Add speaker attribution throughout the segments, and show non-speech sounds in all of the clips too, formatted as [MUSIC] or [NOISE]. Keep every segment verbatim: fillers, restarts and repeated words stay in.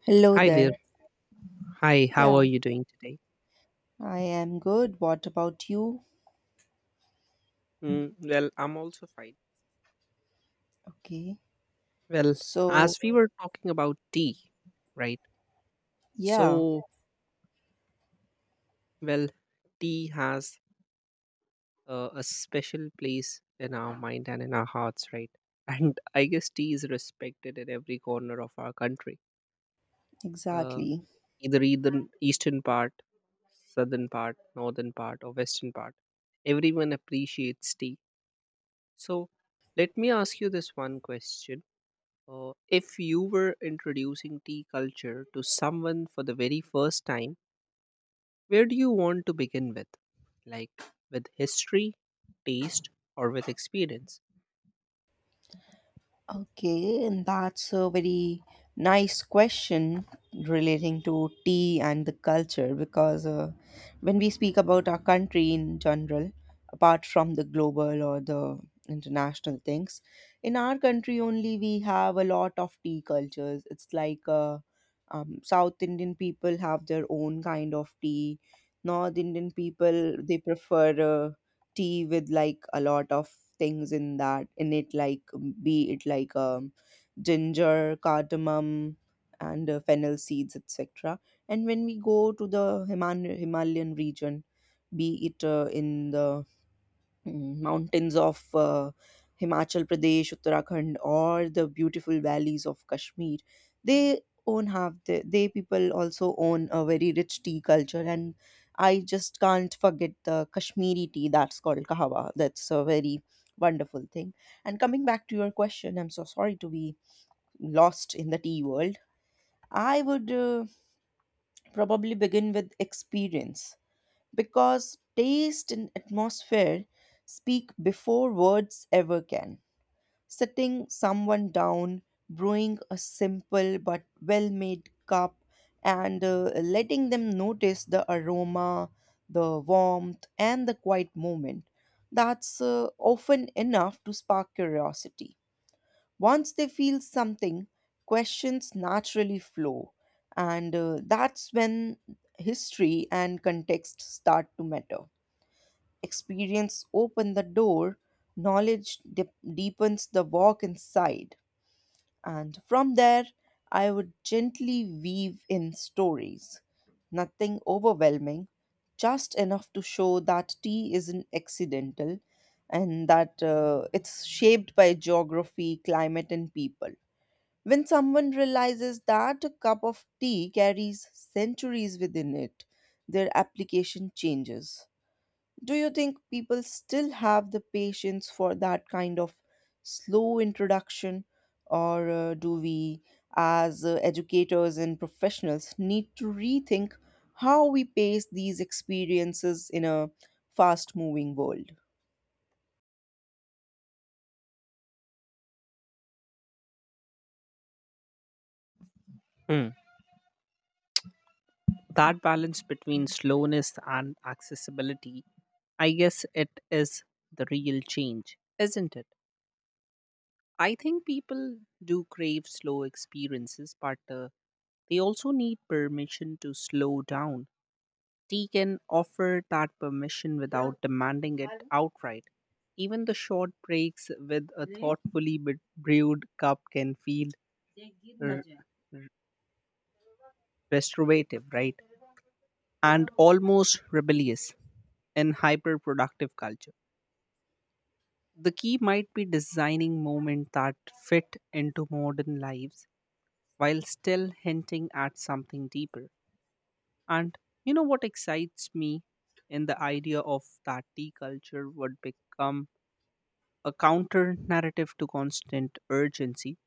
Speaker 1: Hello
Speaker 2: Hi there.
Speaker 1: there.
Speaker 2: Hi, how
Speaker 1: Yeah,
Speaker 2: are you doing today?
Speaker 1: I am good. What about you?
Speaker 2: Mm, well, I'm also fine.
Speaker 1: Okay.
Speaker 2: Well,
Speaker 1: So,
Speaker 2: as we were talking about tea, right?
Speaker 1: yeah,
Speaker 2: So, well, tea has uh, a special place in our mind and in our hearts, right? [LAUGHS] And I guess tea is respected in every corner of our country, uh,
Speaker 1: exactly.
Speaker 2: either either eastern part, southern part, northern part, or western part. Everyone appreciates tea. So, let me ask you this one question Uh, If you were introducing tea culture to someone for the very first time, where do you want to begin with? Like with history, taste, or with experience?
Speaker 1: Okay, and that's a very nice question relating to tea and the culture because uh, when we speak about our country in general, apart from the global or the international things, in our country only we have a lot of tea cultures. It's like uh, um, South Indian people have their own kind of tea. North Indian people they prefer uh, tea with like a lot of things in that in it like be it like um, ginger, cardamom, and uh, fennel seeds, etc. And when we go to the Himan- himalayan region, be it uh, in the mm, mountains of uh, Himachal Pradesh, Uttarakhand, or the beautiful valleys of Kashmir. They own have the, they people also own a very rich tea culture, and I just can't forget the Kashmiri tea that's called kahawa. That's a very wonderful thing. And coming back to your question, I'm so sorry to be lost in the tea world. I would uh, probably begin with experience, because taste and atmosphere speak before words ever can. Sitting someone down, brewing a simple but well made cup, and uh, letting them notice the aroma, the warmth, and the quiet moment. That's uh, often enough to spark curiosity. Once they feel something, questions naturally flow, and uh, that's when history and context start to matter. Experience open the door, knowledge dip- deepens the walk inside, and from there I would gently weave in stories, nothing overwhelming, just enough to show that tea isn't accidental, and that uh, it's shaped by geography, climate, and people. When someone realizes that a cup of tea carries centuries within it, their application changes. Do you think people still have the patience for that kind of slow introduction, or uh, do we, as uh, educators and professionals, need to rethink how we pace these experiences in a fast moving world?
Speaker 2: Hmm. That balance between slowness and accessibility, I guess it is the real change, isn't it? I think people do crave slow experiences, but uh, they also need permission to slow down. Tea can offer that permission without demanding it outright. Even the short breaks with a thoughtfully be- brewed cup can feel r- r- restorative, right? And almost rebellious in hyper-productive culture. The key might be designing moments that fit into modern lives while still hinting at something deeper. And you know what excites me in the idea of that tea culture would become a counter narrative to constant urgency.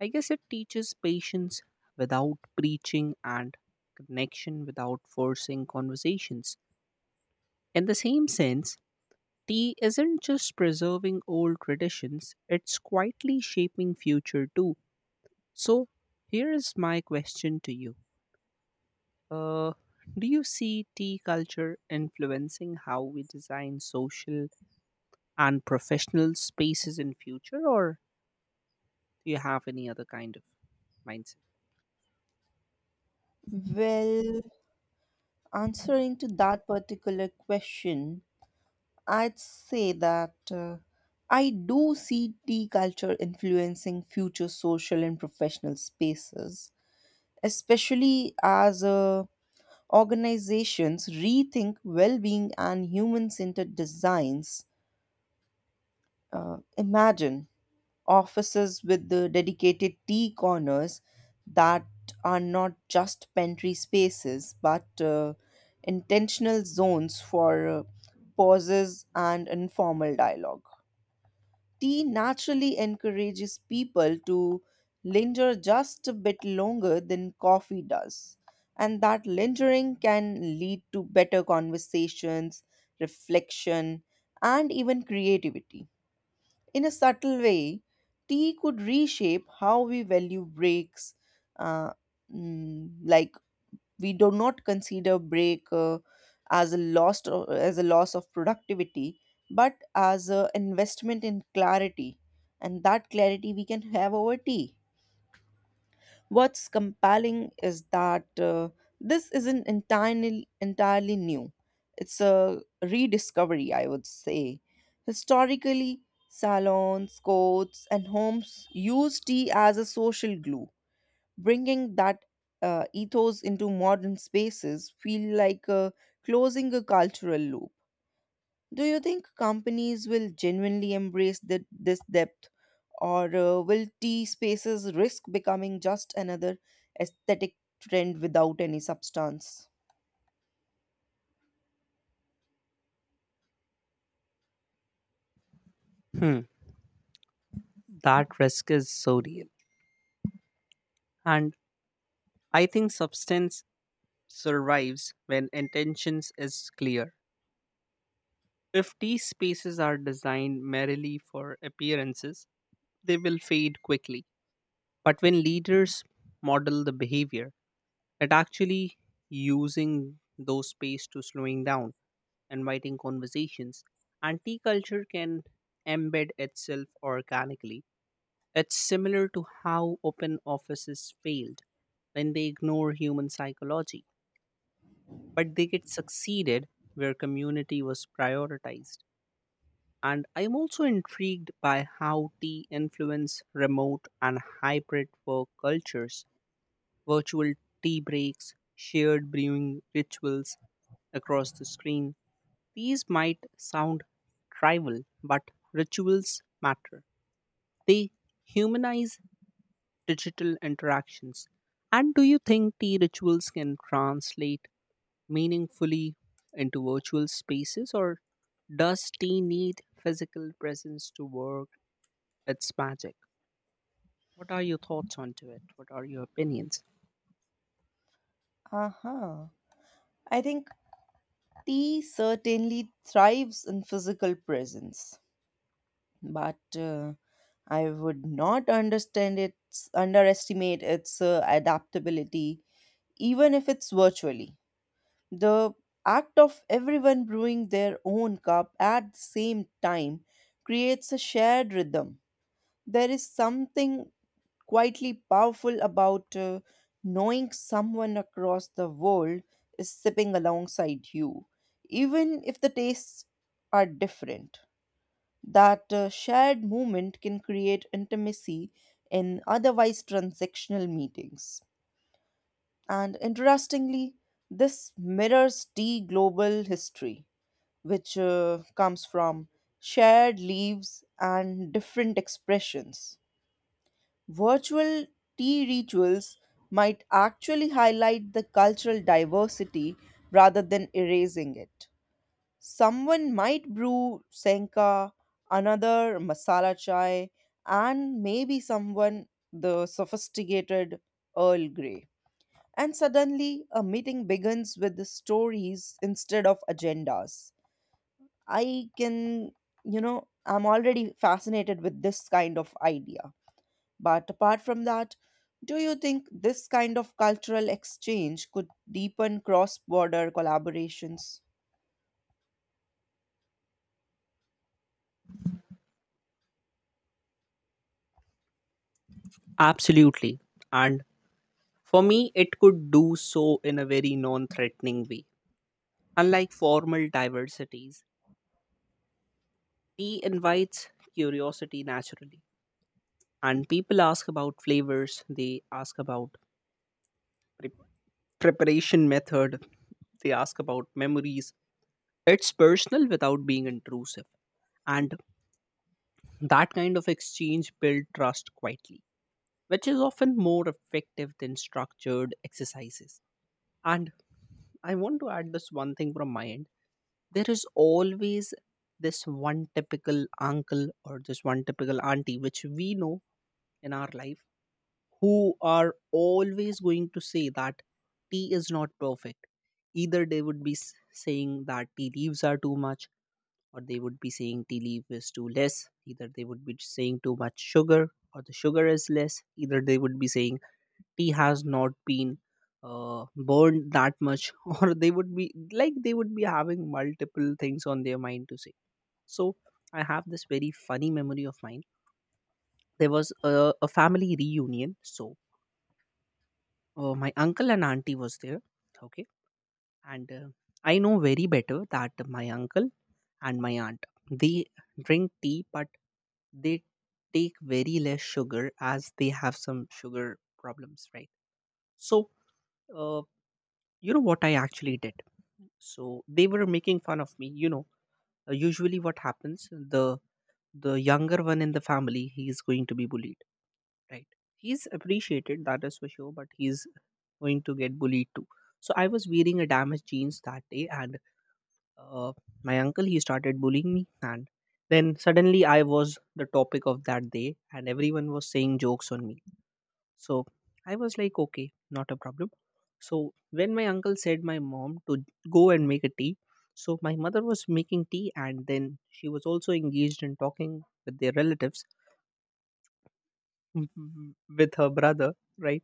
Speaker 2: I guess it teaches patience without preaching and connection without forcing conversations. In the same sense, tea isn't just preserving old traditions, it's quietly shaping future too. So, here is my question to you Uh, do you see tea culture influencing how we design social and professional spaces in future, or do you have any other kind of mindset?
Speaker 1: Well, answering to that particular question, I'd say that uh, I do see tea culture influencing future social and professional spaces, especially as uh, organizations rethink well-being and human-centered designs. Uh, imagine offices with the dedicated tea corners that are not just pantry spaces but uh, intentional zones for uh, pauses and informal dialogue. Tea naturally encourages people to linger just a bit longer than coffee does. And that lingering can lead to better conversations, reflection, and even creativity. In a subtle way, tea could reshape how we value breaks. uh, mm, like, we do not consider break uh, as a loss, or as a loss of productivity, but as an investment in clarity, and that clarity we can have over tea. What's compelling is that uh, this isn't entirely entirely new. It's a rediscovery, I would say. Historically, salons, courts, and homes used tea as a social glue. Bringing that uh, ethos into modern spaces feel like uh, closing a cultural loop. Do you think companies will genuinely embrace thi- this depth, or uh, will tea spaces risk becoming just another aesthetic trend without any substance?
Speaker 2: Hmm, that risk is so real, and I think substance survives when intentions is clear. If tea spaces are designed merely for appearances, they will fade quickly. But when leaders model the behavior, it actually using those space to slowing down, inviting conversations, and tea culture can embed itself organically. It's similar to how open offices failed when they ignore human psychology, but they get succeeded where community was prioritized. And I'm also intrigued by how tea influence remote and hybrid work cultures, virtual tea breaks, shared brewing rituals, across the screen. These might sound trivial, but rituals matter. They humanize digital interactions. And do you think tea rituals can translate meaningfully into virtual spaces, or does tea need physical presence to work its magic? What are your thoughts onto it? What are your opinions?
Speaker 1: Uh-huh. I think tea certainly thrives in physical presence, but uh, I would not understand its underestimate its uh, adaptability, even if it's virtually. The act of everyone brewing their own cup at the same time creates a shared rhythm. There is something quietly powerful about uh, knowing someone across the world is sipping alongside you, even if the tastes are different. That uh, shared moment can create intimacy in otherwise transactional meetings. And interestingly, this mirrors tea global history, which uh, comes from shared leaves and different expressions. Virtual tea rituals might actually highlight the cultural diversity rather than erasing it. Someone might brew senka, another masala chai, and maybe someone the sophisticated Earl Grey. And suddenly, a meeting begins with the stories instead of agendas. I can, you know, I'm already fascinated with this kind of idea. But apart from that, do you think this kind of cultural exchange could deepen cross border collaborations?
Speaker 2: Absolutely. And for me, it could do so in a very non threatening way. Unlike formal diversities, tea invites curiosity naturally. And people ask about flavors, they ask about pre- preparation method, they ask about memories. It's personal without being intrusive. And that kind of exchange builds trust quietly, which is often more effective than structured exercises. And I want to add this one thing from my end. There is always this one typical uncle or this one typical auntie which we know in our life who are always going to say that tea is not perfect. Either they would be s- saying that tea leaves are too much, or they would be saying tea leaf is too less. Either they would be saying too much sugar or the sugar is less. Either they would be saying tea has not been uh, burned that much, [LAUGHS] or they would be like they would be having multiple things on their mind to say. So I have this very funny memory of mine. There was a, a family reunion. So uh, my uncle and auntie was there. Okay. And uh, I know very better that my uncle and my aunt. They drink tea, but they take very less sugar as they have some sugar problems, right? So, uh, you know what I actually did? So they were making fun of me. You know, uh, usually what happens, the the younger one in the family, he is going to be bullied, right? He's appreciated, that is for sure, but he's going to get bullied too. So I was wearing a damaged jeans that day, and uh, my uncle he started bullying me, and then suddenly I was the topic of that day and everyone was saying jokes on me. So I was like, okay, not a problem. So when my uncle said my mom to go and make a tea, so my mother was making tea and then she was also engaged in talking with their relatives, [LAUGHS] w- with her brother, right?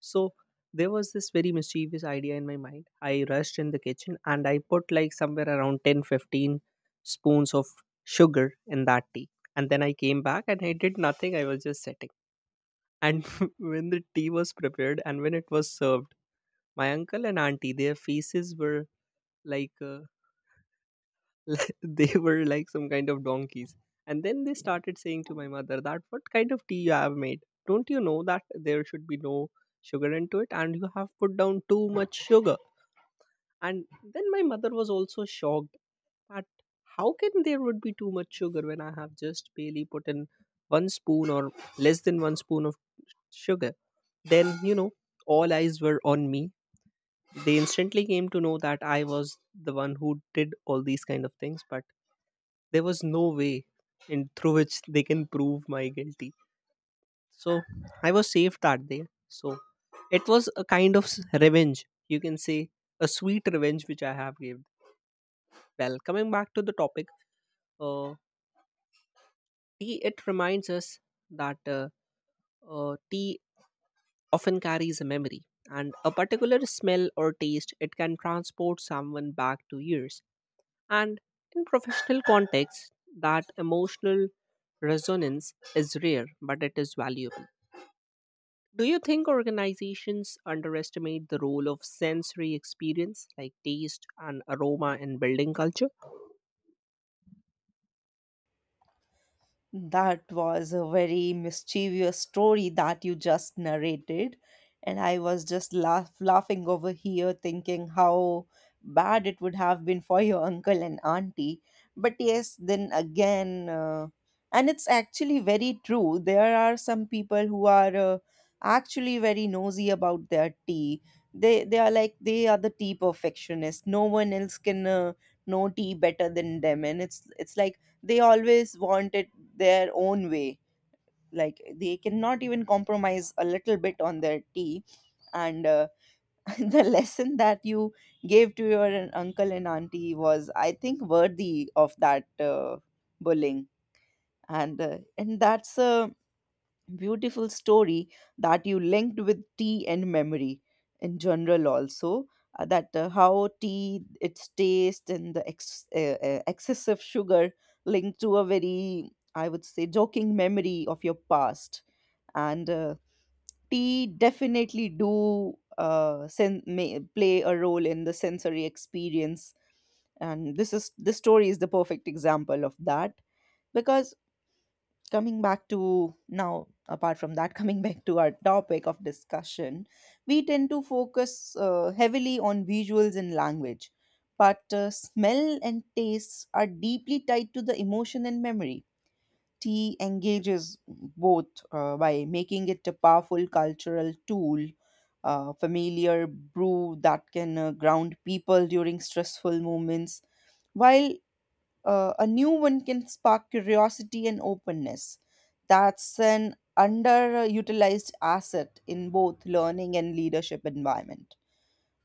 Speaker 2: So there was this very mischievous idea in my mind. I rushed in the kitchen and I put like somewhere around ten, fifteen spoons of sugar in that tea. And then I came back and I did nothing, I was just sitting. And [LAUGHS] when the tea was prepared and when it was served, my uncle and auntie, their faces were like uh, [LAUGHS] they were like some kind of donkeys. And then they started saying to my mother that what kind of tea you have made? Don't you know that there should be no sugar into it and you have put down too much sugar? And then my mother was also shocked that how can there would be too much sugar when I have just barely put in one spoon or less than one spoon of sugar? Then, you know, all eyes were on me. They instantly came to know that I was the one who did all these kind of things, but there was no way in through which they can prove my guilty. So I was safe that day. So it was a kind of s- revenge, you can say, a sweet revenge which I have given. Well, coming back to the topic, uh, tea, it reminds us that uh, uh, tea often carries a memory, and a particular smell or taste it can transport someone back to years. And in professional context, that emotional resonance is rare, but it is valuable. Do you think organizations underestimate the role of sensory experience like taste and aroma in building culture?
Speaker 1: That was a very mischievous story that you just narrated. And I was just laugh, laughing over here, thinking how bad it would have been for your uncle and auntie. But yes, then again, uh, and it's actually very true. There are some people who are uh, actually very nosy about their tea. They they are like, they are the tea perfectionists. No one else can uh, know tea better than them, and it's it's like they always want it their own way, like they cannot even compromise a little bit on their tea. And uh, [LAUGHS] the lesson that you gave to your an- uncle and auntie was, I think, worthy of that uh, bullying. And uh, and that's a beautiful story that you linked with tea and memory. In general also, uh, that uh, how tea, its taste and the ex- uh, uh, excessive sugar, linked to a very, I would say, joking memory of your past. And uh, tea definitely do uh, sen- may play a role in the sensory experience, and this is this story is the perfect example of that. Because coming back to now, apart from that, [LAUGHS] coming back to our topic of discussion, we tend to focus uh, heavily on visuals and language, but uh, smell and taste are deeply tied to the emotion and memory. Tea engages both, uh, by making it a powerful cultural tool. A familiar brew that can uh, ground people during stressful moments, while uh, a new one can spark curiosity and openness. That's an underutilized asset in both learning and leadership environment.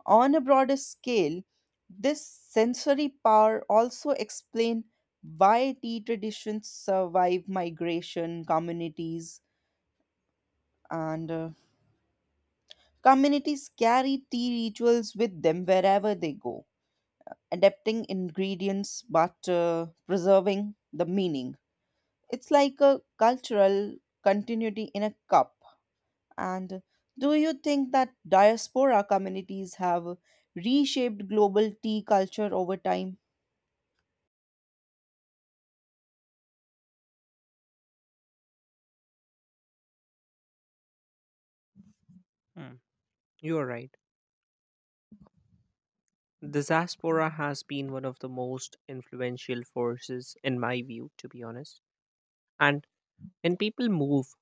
Speaker 1: On a broader scale, this sensory power also explain why tea traditions survive migration communities, and uh, communities carry tea rituals with them wherever they go, adapting ingredients but uh, preserving the meaning. It's like a cultural continuity in a cup. And do you think that diaspora communities have reshaped global tea culture over time?
Speaker 2: Hmm, you are right. The diaspora has been one of the most influential forces, in my view, to be honest. And when people move,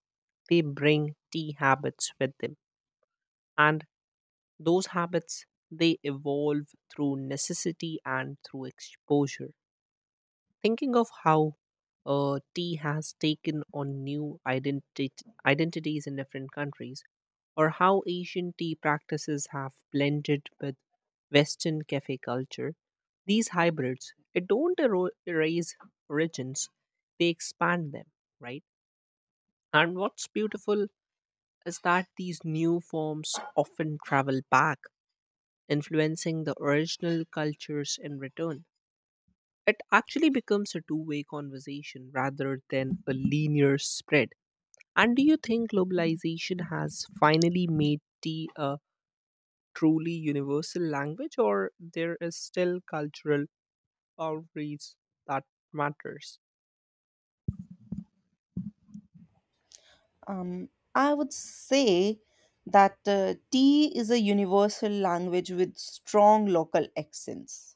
Speaker 2: they bring tea habits with them. And those habits, they evolve through necessity and through exposure, thinking of how uh, tea has taken on new identity, identities in different countries, or how Asian tea practices have blended with Western cafe culture. These hybrids, it don't ero- erase origins, they expand them, right? And what's beautiful is that these new forms often travel back, influencing the original cultures in return. It actually becomes a two way conversation rather than a linear spread. And do you think globalization has finally made tea a truly universal language, or there is still cultural boundaries that matters?
Speaker 1: Um, I would say that uh, tea is a universal language with strong local accents.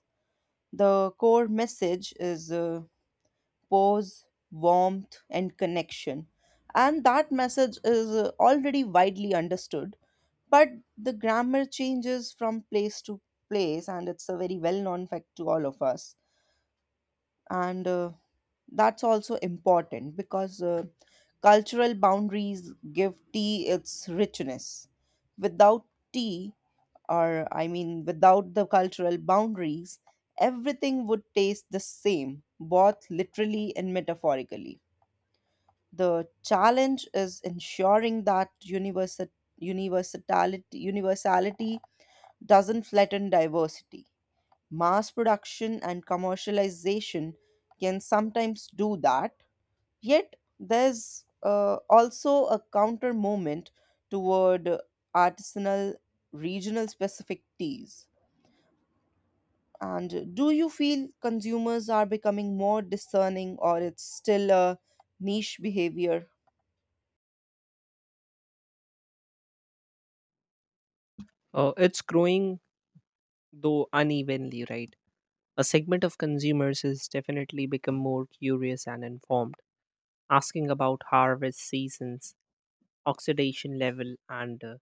Speaker 1: The core message is uh, pause, warmth, and connection. And that message is uh, already widely understood, but the grammar changes from place to place, and it's a very well known fact to all of us. And uh, that's also important because uh, cultural boundaries give tea its richness. Without tea, or I mean without the cultural boundaries, everything would taste the same, both literally and metaphorically. The challenge is ensuring that universal universality universality doesn't flatten diversity. Mass production and commercialization can sometimes do that. Yet, there's uh, also a counter movement toward artisanal, regional specific teas. And do you feel consumers are becoming more discerning, or it's still a niche behavior?
Speaker 2: Uh, it's growing though unevenly, right? A segment of consumers has definitely become more curious and informed, asking about harvest seasons, oxidation level, and uh,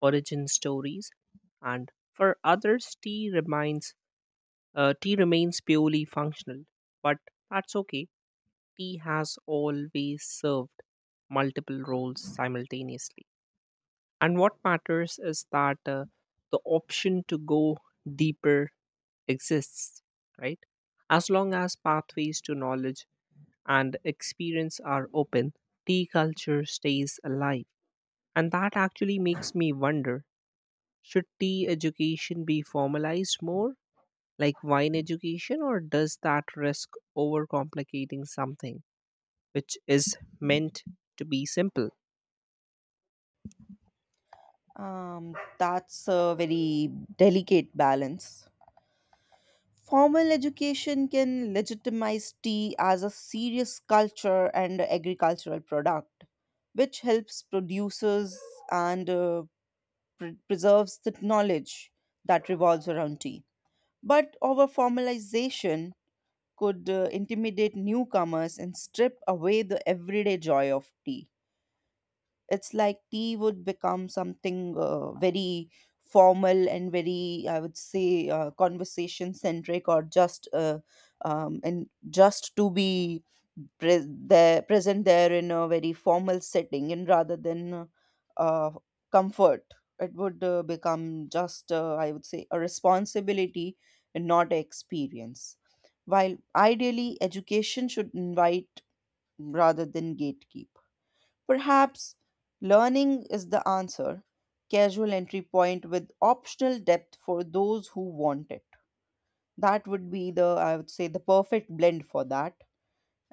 Speaker 2: origin stories. And for others, tea remains uh, tea remains purely functional, but that's okay. Tea has always served multiple roles simultaneously, and what matters is that uh, the option to go deeper exists, right? As long as pathways to knowledge and experience are open, tea culture stays alive. And that actually makes me wonder. Should tea education be formalized more, like wine education, or does that risk overcomplicating something which is meant to be simple?
Speaker 1: Um, that's a very delicate balance. Formal education can legitimize tea as a serious culture and agricultural product, which helps producers and uh, pre- preserves the knowledge that revolves around tea. But over formalization could uh, intimidate newcomers and strip away the everyday joy of tea. It's like tea would become something uh, very formal and very, I would say, uh, conversation centric, or just uh, um, and just to be pre- there, present there in a very formal setting, and rather than uh, comfort, it would uh, become just, uh, I would say, a responsibility and not an experience, while ideally education should invite rather than gatekeep. Perhaps learning is the answer. Casual entry point with optional depth for those who want it. That would be the, I would say, the perfect blend for that.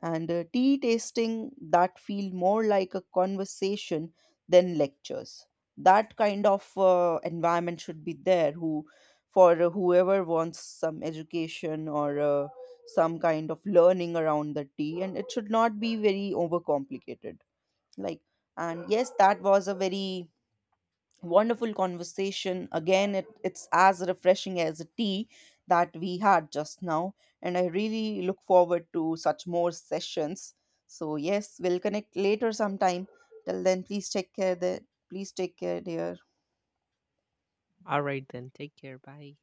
Speaker 1: And uh, tea tasting that feel more like a conversation than lectures. That kind of uh, environment should be there. Who, for whoever wants some education or uh, some kind of learning around the tea, and it should not be very overcomplicated, like. And yes, that was a very wonderful conversation again. It, it's as refreshing as a tea that we had just now, and I really look forward to such more sessions. So yes, we'll connect later sometime. Till then, please take care there. Please take care, dear.
Speaker 2: All right, then, take care. Bye.